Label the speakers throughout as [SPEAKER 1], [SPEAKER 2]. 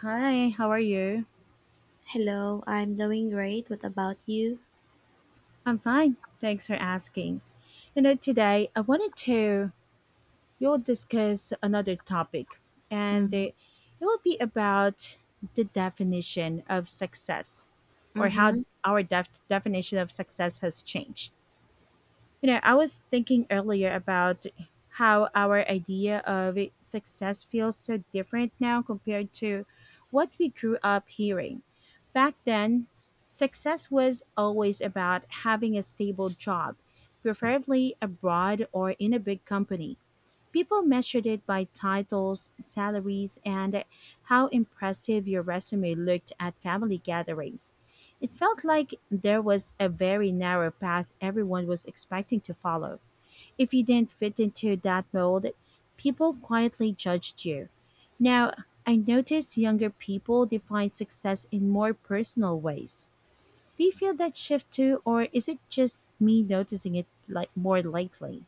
[SPEAKER 1] Hi, how are you?
[SPEAKER 2] Hello, I'm doing great. What about you?
[SPEAKER 1] I'm fine. Thanks for asking. Today I wanted to we'll discuss another topic, and
[SPEAKER 2] Mm,
[SPEAKER 1] it will be about the definition of success, or how
[SPEAKER 2] Mm-hmm.
[SPEAKER 1] our definition of success has changed. I was thinking earlier about how our idea of success feels so different now compared to what we grew up hearing. Back then, success was always about having a stable job, preferably abroad or in a big company. People measured it by titles, salaries, and how impressive your resume looked at family gatherings. It felt like there was a very narrow path everyone was expecting to follow. If you didn't fit into that mold, people quietly judged you. Now, I notice younger people define success in more personal ways. Do you feel that shift too, or is it just me noticing it like more lately?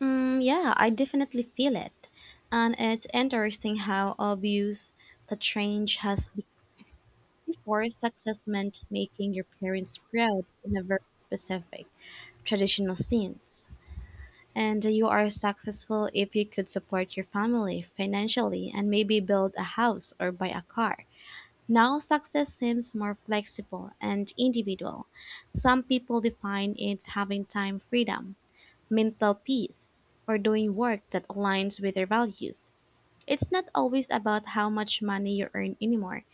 [SPEAKER 2] Mm, yeah, I definitely feel it. And it's interesting how obvious the change has become for success meant making your parents proud in a very specific traditional sense. And you are successful if you could support your family financially and maybe build a house or buy a car. Now success seems more flexible and individual. Some people define it as having time freedom, mental peace, or doing work that aligns with their values. It's not always about how much money you earn anymore.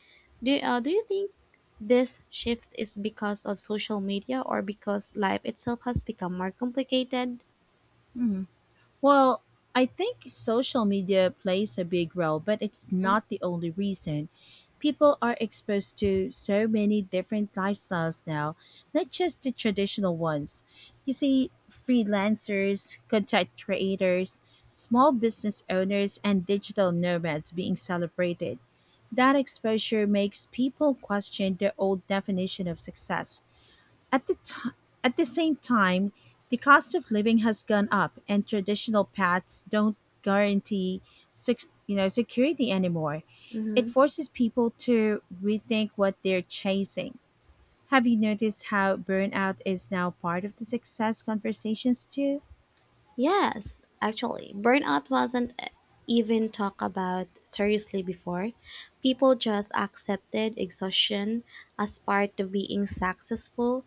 [SPEAKER 2] Do you think this shift is because of social media or because life itself has become more complicated?
[SPEAKER 1] Mhm. Well, I think social media plays a big role, but it's not the only reason. People are exposed to so many different lifestyles now, not just the traditional ones. You see, freelancers, content creators, small business owners, and digital nomads being celebrated. That exposure makes people question their old definition of success. At the t- at the same time, the cost of living has gone up, and traditional paths don't guarantee security anymore.
[SPEAKER 2] Mm-hmm.
[SPEAKER 1] It forces people to rethink what they're chasing. Have you noticed how burnout is now part of the success conversations too?
[SPEAKER 2] Yes, actually, burnout wasn't even talk about seriously before. People just accepted exhaustion as part of being successful.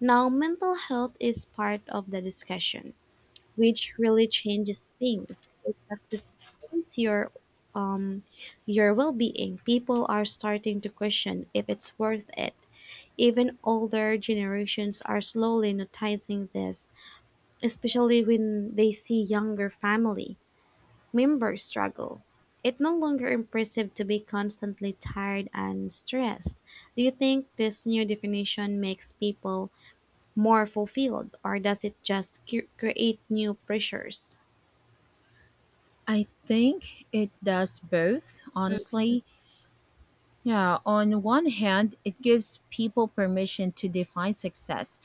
[SPEAKER 2] Now, mental health is part of the discussion, which really changes things. It affects your um your well-being. People are starting to question if it's worth it. Even older generations are slowly noticing this, especially when they see younger family. Members struggle. It's no longer impressive to be constantly tired and stressed. Do you think this new definition makes people more fulfilled, or does it just create new pressures?
[SPEAKER 1] I think it does both, honestly. Yeah, on one hand, it gives people permission to define success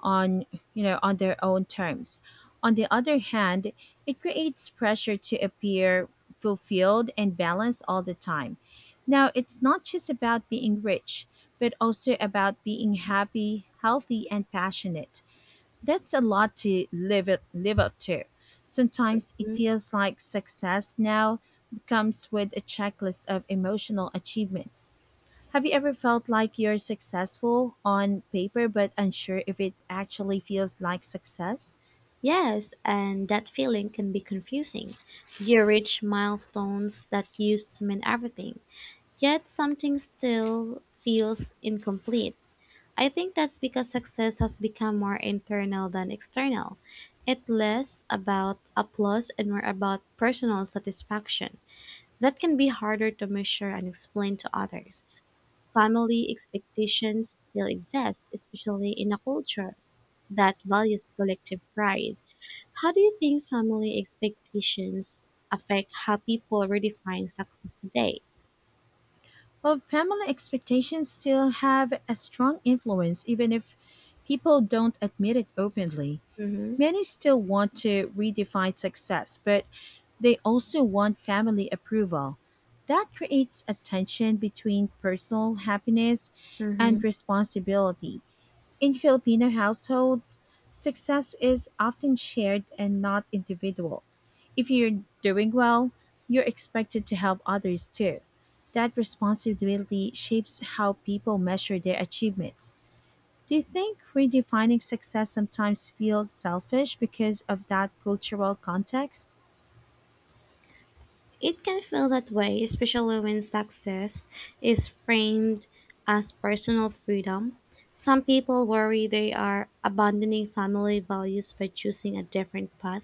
[SPEAKER 1] on you know on their own terms. On the other hand, it creates pressure to appear fulfilled and balanced all the time. Now it's not just about being rich, but also about being happy, healthy, and passionate. That's a lot to live up to. Sometimes it
[SPEAKER 2] Mhm.
[SPEAKER 1] feels like success now becomes with a checklist of emotional achievements. Have you ever felt like you're successful on paper but unsure if it actually feels like success?
[SPEAKER 2] Yes, and that feeling can be confusing. You reach milestones that used to mean everything, yet something still feels incomplete. I think that's because success has become more internal than external. It's less about applause and more about personal satisfaction. That can be harder to measure and explain to others. Family expectations still exist, especially in a culture that values collective pride. How do you think family expectations affect how people redefine success today?
[SPEAKER 1] Well, family expectations still have a strong influence, even if people don't admit it openly.
[SPEAKER 2] Mm-hmm.
[SPEAKER 1] Many still want to redefine success, but they also want family approval. That creates a tension between personal happiness and responsibility. In Filipino households, success is often shared and not individual. If you're doing well, you're expected to help others too. That responsibility shapes how people measure their achievements. Do you think redefining success sometimes feels selfish because of that cultural context?
[SPEAKER 2] It can feel that way, especially when success is framed as personal freedom. Some people worry they are abandoning family values by choosing a different path.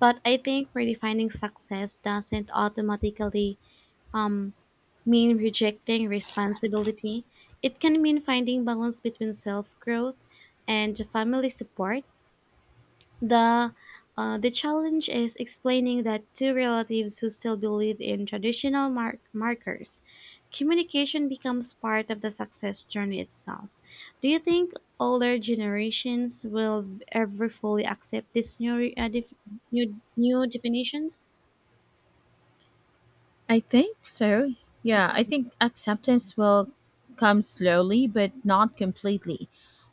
[SPEAKER 2] But I think redefining success doesn't automatically um, mean rejecting responsibility. It can mean finding balance between self growth and family support the the challenge is explaining that to relatives who still believe in traditional markers. Communication becomes part of the success journey itself. Do you think older generations will ever fully accept these new definitions?
[SPEAKER 1] I think so. Yeah, I think acceptance will come slowly, but not completely.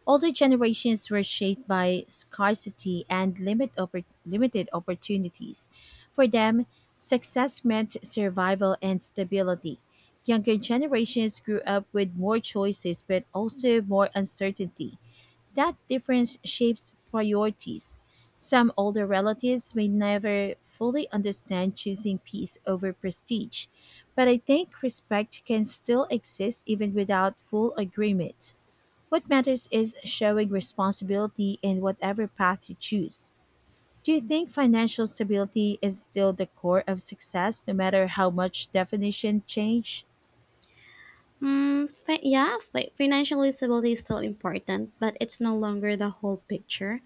[SPEAKER 1] Older generations were shaped by scarcity and limited opportunities. For them, success meant survival and stability. Younger generations grew up with more choices, but also more uncertainty. That difference shapes priorities. Some older relatives may never fully understand choosing peace over prestige, but I think respect can still exist even without full agreement. What matters is showing responsibility in whatever path you choose. Do you think financial stability is still the core of success, no matter how much definition change?
[SPEAKER 2] Financial stability is still important, but it's no longer the whole picture.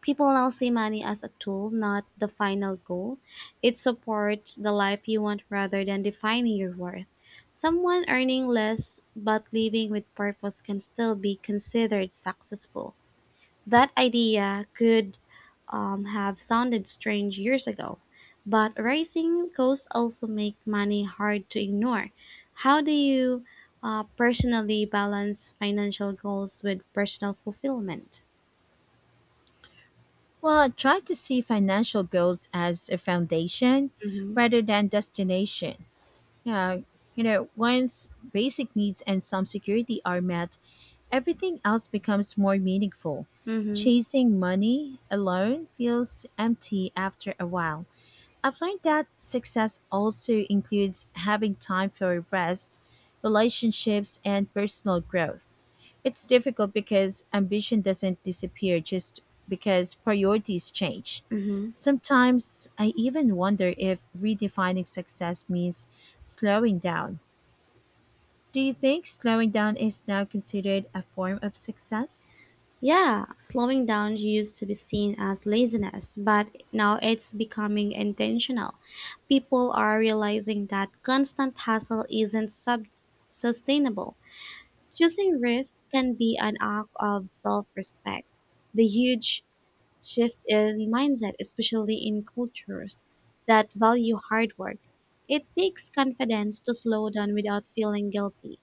[SPEAKER 2] People now see money as a tool, not the final goal. It supports the life you want rather than defining your worth. Someone earning less but living with purpose can still be considered successful. That idea could have sounded strange years ago, but rising costs also make money hard to ignore. How do you personally balance financial goals with personal fulfillment?
[SPEAKER 1] Well, try to see financial goals as a foundation
[SPEAKER 2] Mm-hmm.
[SPEAKER 1] rather than destination. Yeah, once basic needs and some security are met, everything else becomes more meaningful.
[SPEAKER 2] Mm-hmm.
[SPEAKER 1] Chasing money alone feels empty after a while. I've learned that success also includes having time for rest, relationships, and personal growth. It's difficult because ambition doesn't disappear just because priorities change.
[SPEAKER 2] Mm-hmm.
[SPEAKER 1] Sometimes I even wonder if redefining success means slowing down. Do you think slowing down is now considered a form of success?
[SPEAKER 2] Yeah, slowing down used to be seen as laziness, but now it's becoming intentional. People are realizing that constant hustle isn't sustainable. Choosing risk can be an act of self-respect. The huge shift in mindset, especially in cultures that value hard work, it takes confidence to slow down without feeling guilty.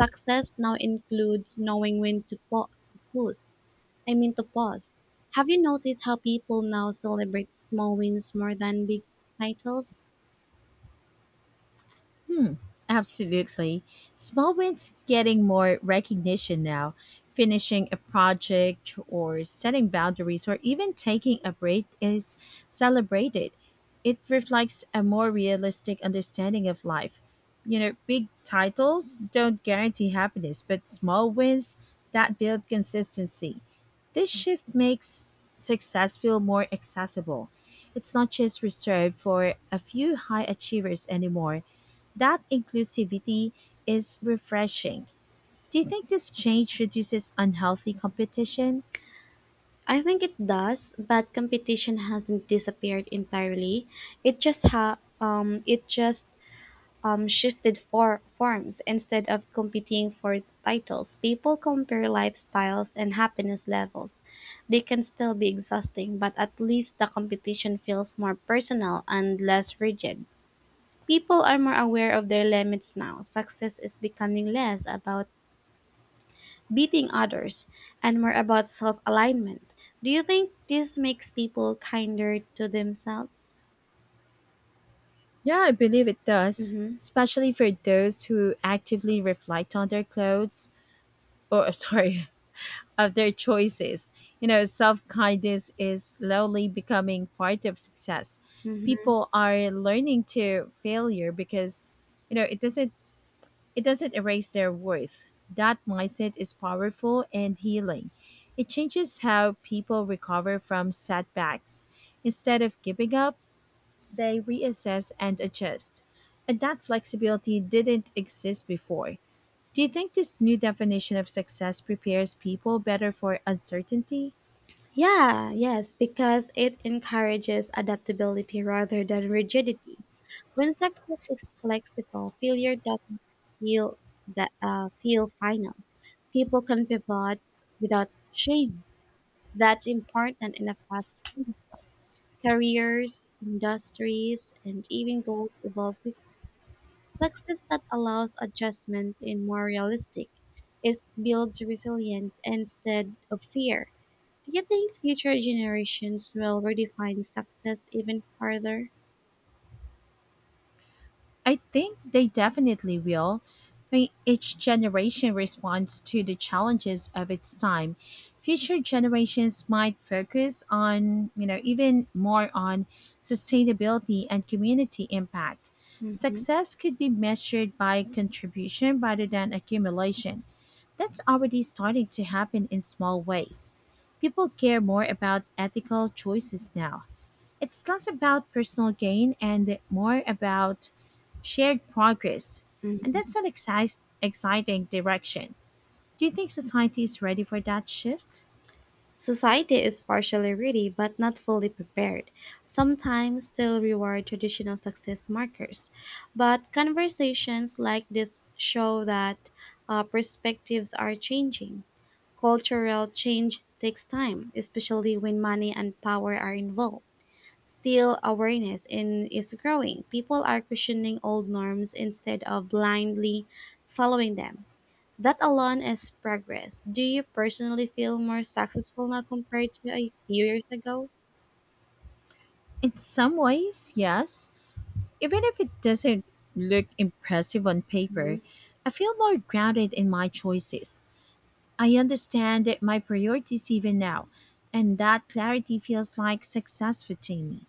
[SPEAKER 2] Success now includes knowing when to pa- to pause. I mean to pause. Have you noticed how people now celebrate small wins more than big titles?
[SPEAKER 1] Hmm, absolutely. Small wins getting more recognition now, finishing a project or setting boundaries or even taking a break is celebrated. It reflects a more realistic understanding of life. Big titles don't guarantee happiness, but small wins that build consistency. This shift makes success feel more accessible. It's not just reserved for a few high achievers anymore. That inclusivity is refreshing. Do you think this change reduces unhealthy competition?
[SPEAKER 2] I think it does, but competition hasn't disappeared entirely. It just shifted for forms instead of competing for titles. People compare lifestyles and happiness levels. They can still be exhausting, but at least the competition feels more personal and less rigid. People are more aware of their limits now. Success is becoming less about beating others, and more about self alignment. Do you think this makes people kinder to themselves?
[SPEAKER 1] Yeah, I believe it does,
[SPEAKER 2] Hmm
[SPEAKER 1] especially for those who actively reflect on their clothes or sorry, of their choices. Self-kindness is slowly becoming part of success.
[SPEAKER 2] hmm
[SPEAKER 1] People are learning to failure because you know, it doesn't It doesn't erase their worth. That mindset is powerful and healing. It changes how people recover from setbacks. Instead of giving up, they reassess and adjust. And that flexibility didn't exist before. Do you think this new definition of success prepares people better for uncertainty?
[SPEAKER 2] Yeah, yes, because it encourages adaptability rather than rigidity. When success is flexible, failure doesn't feel feel final. People can pivot without shame. That's important in a fast careers, industries, and even goals evolve. Success that allows adjustment is more realistic. It builds resilience instead of fear. Do you think future generations will redefine success even further?
[SPEAKER 1] I think they definitely will. I mean, each generation responds to the challenges of its time. Future generations might focus on, even more on sustainability and community impact.
[SPEAKER 2] Mm-hmm.
[SPEAKER 1] Success could be measured by contribution rather than accumulation. That's already starting to happen in small ways. People care more about ethical choices now. It's less about personal gain and more about shared progress. And
[SPEAKER 2] hmm
[SPEAKER 1] that's an exciting direction. Do you think society is ready for that shift?
[SPEAKER 2] Society is partially ready but not fully prepared. Sometimes still reward traditional success markers. But conversations like this show that perspectives are changing. Cultural change takes time, especially when money and power are involved. Still, awareness is growing. People are questioning old norms instead of blindly following them. That alone is progress. Do you personally feel more successful now compared to a few years ago?
[SPEAKER 1] In some ways, yes. Even if it doesn't look impressive on
[SPEAKER 2] Mhm.
[SPEAKER 1] paper, I feel more grounded in my choices. I understand that my priorities even now, and that clarity feels like success for me.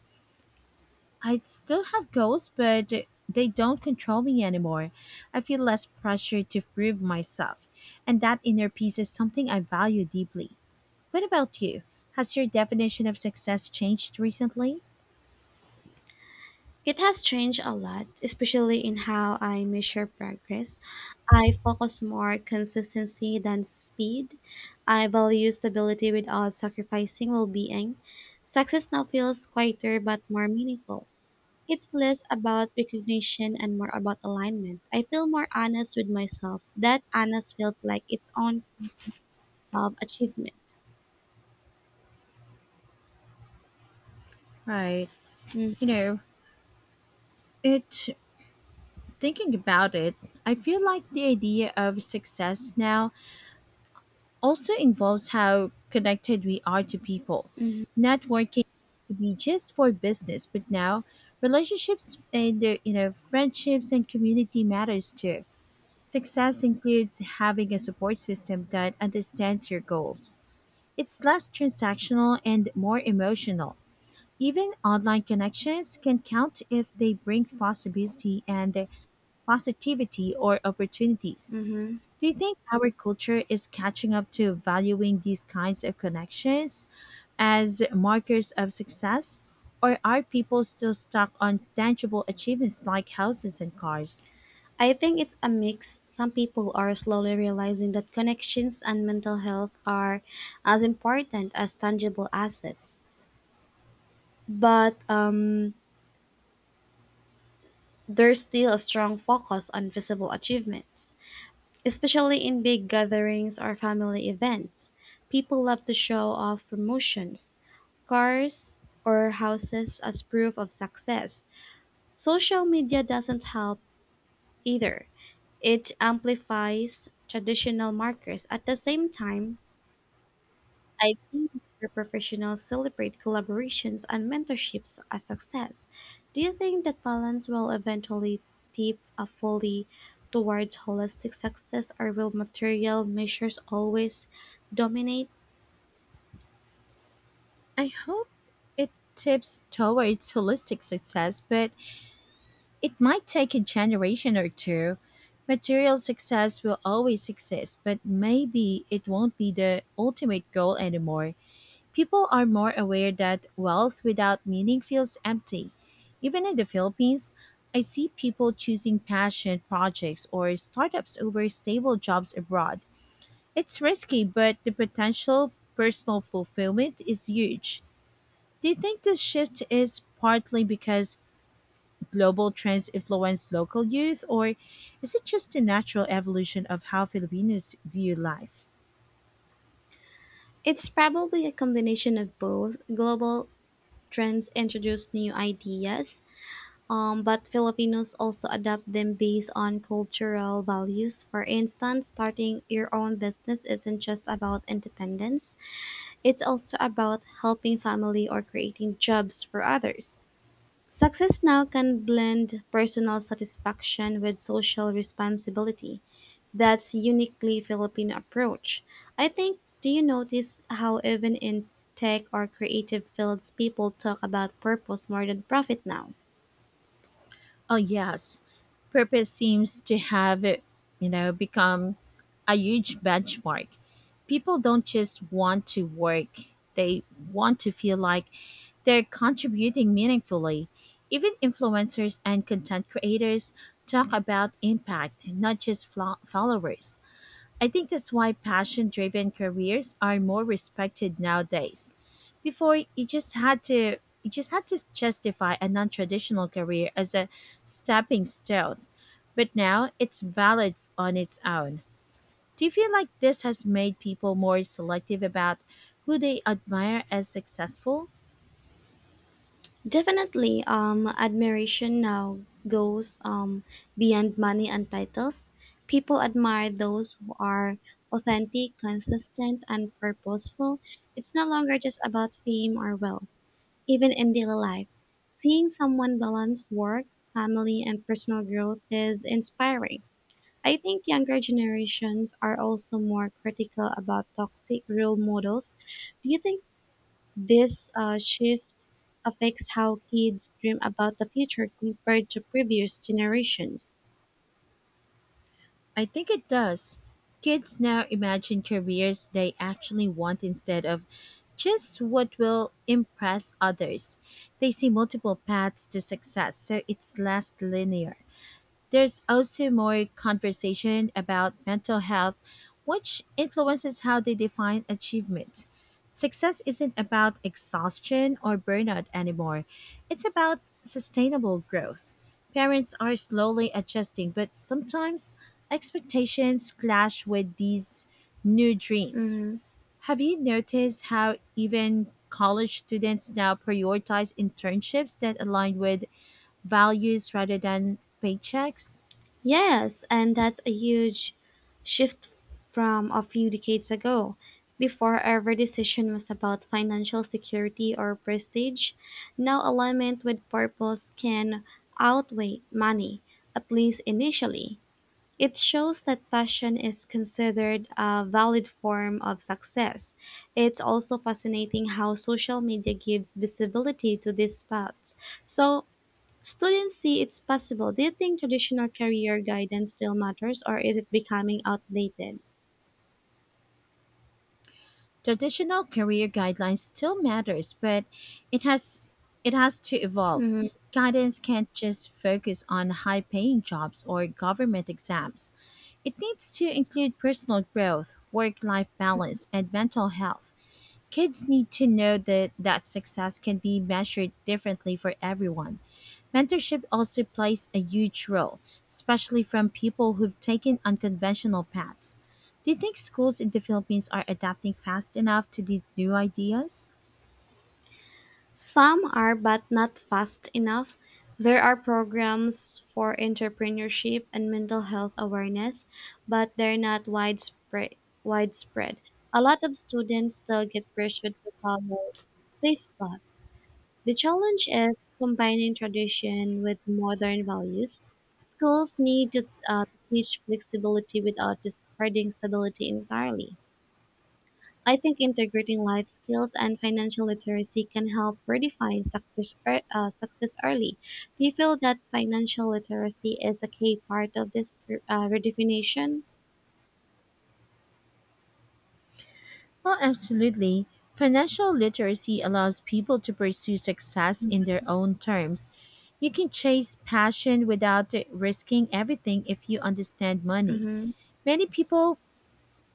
[SPEAKER 1] I still have goals, but they don't control me anymore. I feel less pressure to prove myself, and that inner peace is something I value deeply. What about you? Has your definition of success changed recently?
[SPEAKER 2] It has changed a lot, especially in how I measure progress. I focus more consistency than speed. I value stability without sacrificing well-being. Success now feels quieter but more meaningful. It's less about recognition and more about alignment. I feel more honest with myself. That honest feels like its own self-achievement.
[SPEAKER 1] Right. You know, it thinking about it, I feel like the idea of success now also involves how connected we are to people.
[SPEAKER 2] Mm-hmm.
[SPEAKER 1] Networking used to be just for business, but now relationships and friendships and community matters too. Success includes having a support system that understands your goals. It's less transactional and more emotional. Even online connections can count if they bring possibility and positivity or opportunities.
[SPEAKER 2] hmm
[SPEAKER 1] Do you think our culture is catching up to valuing these kinds of connections as markers of success? Or are people still stuck on tangible achievements like houses and cars?
[SPEAKER 2] I think it's a mix. Some people are slowly realizing that connections and mental health are as important as tangible assets. But there is still a strong focus on visible achievements, especially in big gatherings or family events. People love to show off promotions, cars, or houses as proof of success. Social media doesn't help either. It amplifies traditional markers. At the same time, I think where professionals celebrate collaborations and mentorships as success. Do you think that balance will eventually tip a fully towards holistic success or will material measures always dominate?
[SPEAKER 1] I hope it tips towards holistic success, but it might take a generation or two. Material success will always exist, but maybe it won't be the ultimate goal anymore. People are more aware that wealth without meaning feels empty. Even in the Philippines, I see people choosing passion projects or startups over stable jobs abroad. It's risky, but the potential personal fulfillment is huge. Do you think this shift is partly because global trends influence local youth, or is it just the natural evolution of how Filipinos view life?
[SPEAKER 2] It's probably a combination of both. Global trends introduce new ideas, but Filipinos also adapt them based on cultural values. For instance, starting your own business isn't just about independence. It's also about helping family or creating jobs for others. Success now can blend personal satisfaction with social responsibility. That's uniquely Filipino approach. I think do you notice how even in tech or creative fields people talk about purpose more than profit now?
[SPEAKER 1] Oh, yes. Purpose seems to have, become a huge benchmark. People don't just want to work, they want to feel like they're contributing meaningfully. Even influencers and content creators talk about impact, not just followers. I think that's why passion driven careers are more respected nowadays. Before you just had to justify a non-traditional career as a stepping stone, but now it's valid on its own. Do you feel like this has made people more selective about who they admire as successful?
[SPEAKER 2] Definitely, admiration now goes beyond money and titles. People admire those who are authentic, consistent, and purposeful. It's no longer just about fame or wealth, even in daily life. Seeing someone balance work, family, and personal growth is inspiring. I think younger generations are also more critical about toxic role models. Do you think this shift affects how kids dream about the future compared to previous generations.
[SPEAKER 1] I think it does. Kids now imagine careers they actually want instead of just what will impress others. They see multiple paths to success, so it's less linear. There's also more conversation about mental health, which influences how they define achievement. Success isn't about exhaustion or burnout anymore, it's about sustainable growth. Parents are slowly adjusting, but sometimes expectations clash with these new dreams.
[SPEAKER 2] Hmm
[SPEAKER 1] Have you noticed how even college students now prioritize internships that align with values rather than paychecks?
[SPEAKER 2] Yes, and that's a huge shift from a few decades ago. Before, every decision was about financial security or prestige. Now, alignment with purpose can outweigh money, at least initially. It shows that passion is considered a valid form of success. It's also fascinating how social media gives visibility to these paths. So students see it's possible. Do you think traditional career guidance still matters or is it becoming outdated?
[SPEAKER 1] Traditional career guidelines still matters, but it has it has to evolve. Guidance can't just focus on high-paying jobs or government exams. It needs to include personal growth, work-life balance, and mental health. Kids need to know that that success can be measured differently for everyone. Mentorship also plays a huge role, especially from people who've taken unconventional paths. Do you think schools in the Philippines are adapting fast enough to these new ideas?
[SPEAKER 2] Some are but not fast enough. There are programs for entrepreneurship and mental health awareness, but they're not widespread. A lot of students still get pressured to follow safe paths. The challenge is combining tradition with modern values. Schools need to teach flexibility without discarding stability entirely. I think integrating life skills and financial literacy can help redefine success early. Do you feel that financial literacy is a key part of this redefinition?
[SPEAKER 1] Well, absolutely. Financial literacy allows people to pursue success in their own terms. You can chase passion without risking everything if you understand money.
[SPEAKER 2] Hmm
[SPEAKER 1] Many people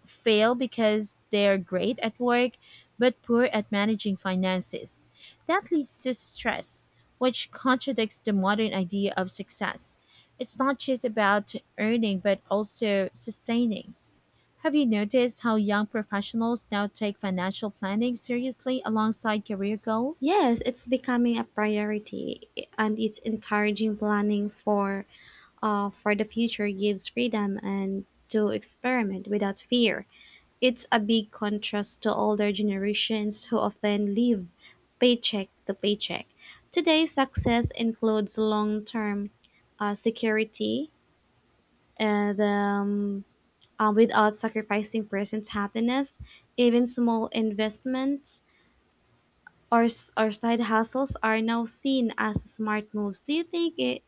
[SPEAKER 1] fail because they're great at work but poor at managing finances. That leads to stress, which contradicts the modern idea of success. It's not just about earning but also sustaining. Have you noticed how young professionals now take financial planning seriously alongside career goals?
[SPEAKER 2] Yes, it's becoming a priority and it's encouraging planning for the future gives freedom and to experiment without fear. It's a big contrast to older generations who often live paycheck to paycheck. Today's success includes long-term security and without sacrificing person's happiness. Even small investments or side hustles are now seen as smart moves. Do you think it,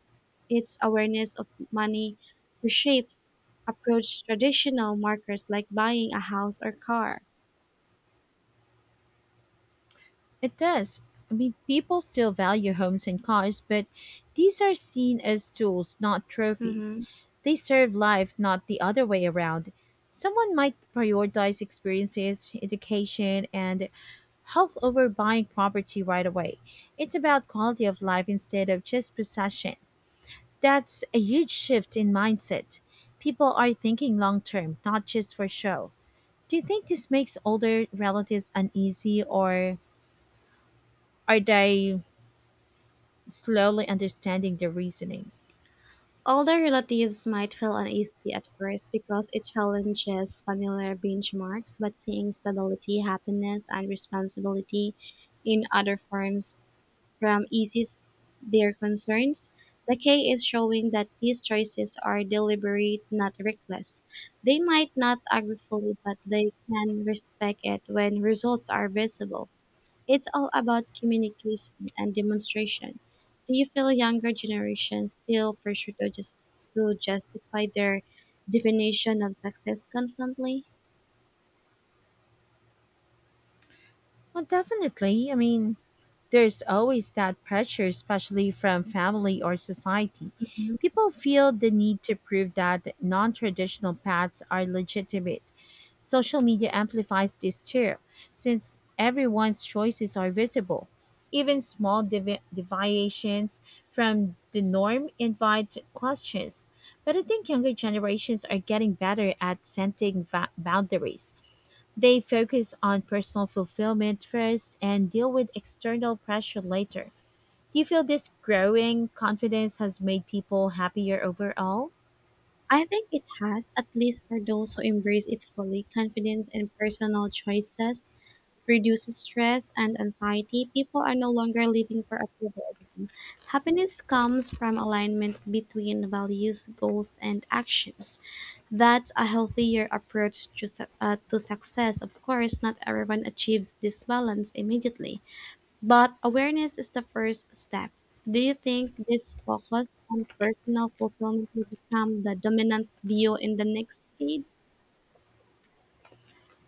[SPEAKER 2] its awareness of money reshapes approach traditional markers like buying a house or car?
[SPEAKER 1] It does. I mean, people still value homes and cars, but these are seen as tools, not trophies.
[SPEAKER 2] Mm-hmm.
[SPEAKER 1] They serve life, not the other way around. Someone might prioritize experiences, education, and health over buying property right away. It's about quality of life instead of just possession. That's a huge shift in mindset. People are thinking long term, not just for show. Do you think this makes older relatives uneasy, or are they slowly understanding the reasoning?
[SPEAKER 2] Older relatives might feel uneasy at first because it challenges familiar benchmarks, but seeing stability, happiness, and responsibility in other forms from eases their concerns. The Decay is showing that these choices are deliberate, not reckless. They might not agree fully, but they can respect it when results are visible. It's all about communication and demonstration. Do you feel younger generations feel pressure to justify their definition of success constantly?
[SPEAKER 1] Well, definitely. I mean, there's always that pressure, especially from family or society. People feel the need to prove that non traditional paths are legitimate. Social media amplifies this too, since everyone's choices are visible. Even small deviations from the norm invite questions. But I think younger generations are getting better at setting boundaries. They focus on personal fulfillment first and deal with external pressure later. Do you feel this growing confidence has made people happier overall?
[SPEAKER 2] I think it has, at least for those who embrace it fully. Confidence in personal choices reduces stress and anxiety. People are no longer living for approval alone. Happiness comes from alignment between values, goals, and actions. That's a healthier approach to success. Of course, not everyone achieves this balance immediately, but awareness is the first step. Do you think this focus on personal fulfillment will become the dominant view in the next decade?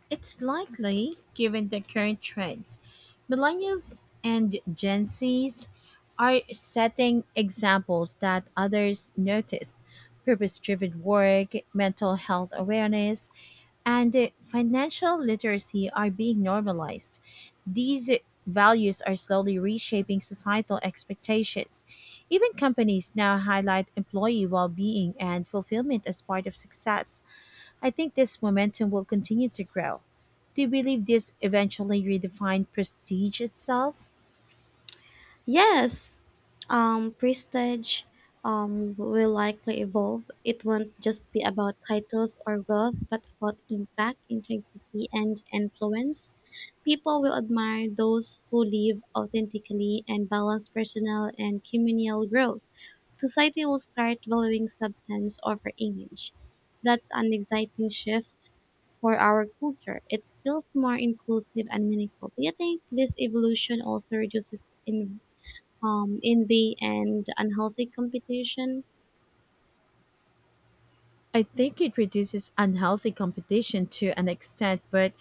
[SPEAKER 1] It's likely, given the current trends. Millennials and Gen Zs are setting examples that others notice: purpose driven work, mental health awareness, and financial literacy are being normalized. These values are slowly reshaping societal expectations. Even companies now highlight employee well being and fulfillment as part of success. I think this momentum will continue to grow. Do you believe this eventually redefined prestige itself?
[SPEAKER 2] Yes, prestige will likely evolve. It won't just be about titles or wealth, but about impact, integrity, and influence. People will admire those who live authentically and balance personal and communal growth. Society will start valuing substance over image. That's an exciting shift for our culture. It feels more inclusive and meaningful. Do you think this evolution also reduces envy and unhealthy competition?
[SPEAKER 1] I think it reduces unhealthy competition to an extent, but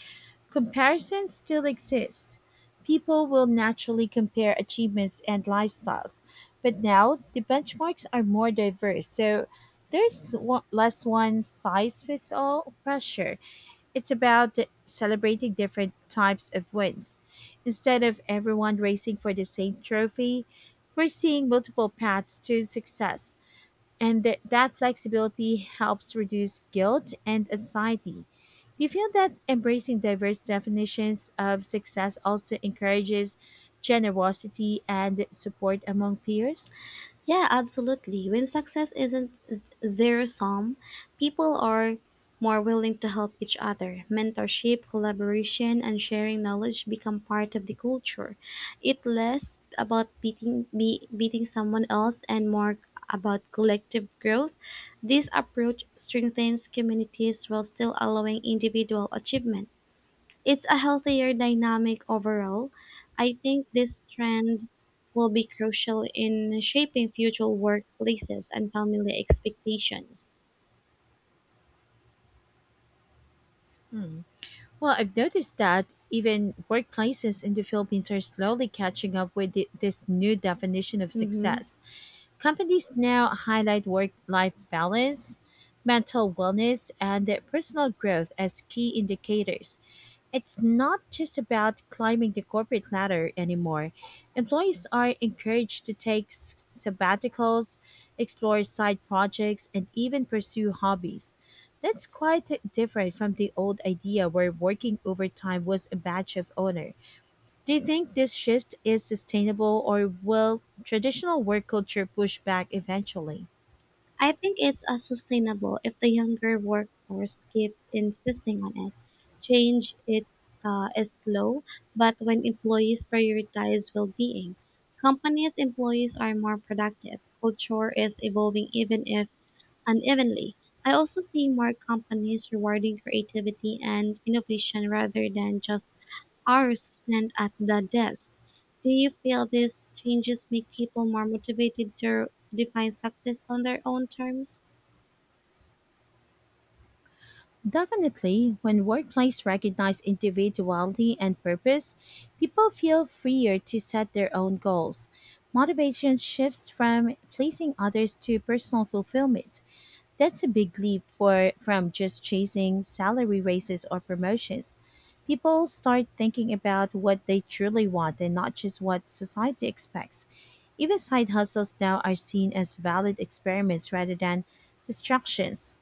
[SPEAKER 1] comparisons still exist. People will naturally compare achievements and lifestyles, but now the benchmarks are more diverse, so there's less one size fits all pressure. It's about celebrating different types of wins. Instead of everyone racing for the same trophy, we're seeing multiple paths to success, and that that flexibility helps reduce guilt and anxiety. Do you feel that embracing diverse definitions of success also encourages generosity and support among peers?
[SPEAKER 2] Yeah, absolutely. When success isn't zero sum, people are more willing to help each other. Mentorship, collaboration, and sharing knowledge become part of the culture. It less about beating someone else and more about collective growth. This approach strengthens communities while still allowing individual achievement. It's a healthier dynamic overall. I think this trend will be crucial in shaping future workplaces and family expectations.
[SPEAKER 1] Well, I've noticed that even workplaces in the Philippines are slowly catching up with this new definition of
[SPEAKER 2] Mm-hmm.
[SPEAKER 1] success. Companies now highlight work life balance, mental wellness, and personal growth as key indicators. It's not just about climbing the corporate ladder anymore. Employees are encouraged to take sabbaticals, explore side projects, and even pursue hobbies. That's quite different from the old idea where working overtime was a badge of honor. Do you think this shift is sustainable or will traditional work culture push back eventually?
[SPEAKER 2] I think it's unsustainable if the younger workforce keeps insisting on it. Change it is slow, but when employees prioritize well-being, companies' employees are more productive. Culture is evolving even if unevenly. I also see more companies rewarding creativity and innovation rather than just hours spent at the desk. Do you feel these changes make people more motivated to define success on their own terms?
[SPEAKER 1] Definitely, when workplace recognize individuality and purpose, people feel freer to set their own goals. Motivation shifts from pleasing others to personal fulfillment. That's a big leap for from just chasing salary raises or promotions. People start thinking about what they truly want and not just what society expects. Even side hustles now are seen as valid experiments rather than distractions.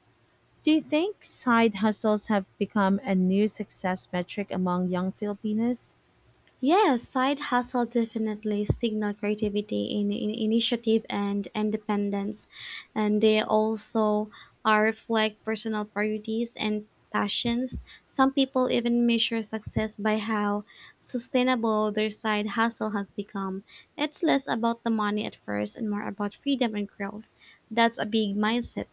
[SPEAKER 1] Do you think side hustles have become a new success metric among young Filipinos?
[SPEAKER 2] Yes, side hustle definitely signal creativity in initiative and independence, and they also are reflect personal priorities and passions. Some people even measure success by how sustainable their side hustle has become. It's less about the money at first and more about freedom and growth. That's a big mindset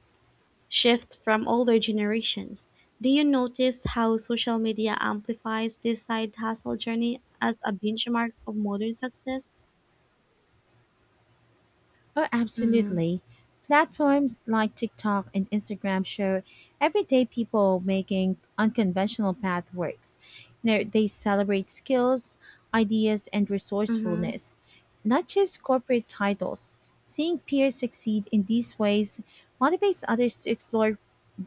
[SPEAKER 2] shift from older generations. Do you notice how social media amplifies this side hustle journey as a benchmark of modern success?
[SPEAKER 1] Oh,
[SPEAKER 2] Mm-hmm.
[SPEAKER 1] absolutely. Platforms like TikTok and Instagram show everyday people making unconventional pathworks. They celebrate skills, ideas, and
[SPEAKER 2] Mm-hmm.
[SPEAKER 1] resourcefulness, not just corporate titles. Seeing peers succeed in these ways motivates others to explore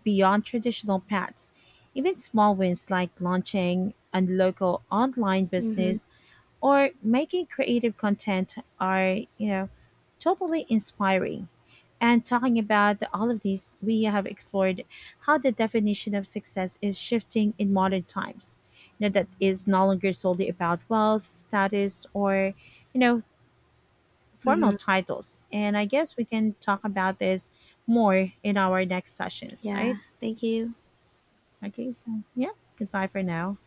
[SPEAKER 1] beyond traditional paths. Even small wins like launching a local online
[SPEAKER 2] Mm-hmm.
[SPEAKER 1] business or making creative content are totally inspiring. And talking about all of these, we have explored how the definition of success is shifting in modern times. That is no longer solely about wealth status or you know formal
[SPEAKER 2] Mm-hmm.
[SPEAKER 1] titles, and I guess we can talk about this more in our next sessions,
[SPEAKER 2] Yeah.
[SPEAKER 1] right?
[SPEAKER 2] Thank you.
[SPEAKER 1] Okay, so yeah, goodbye for now.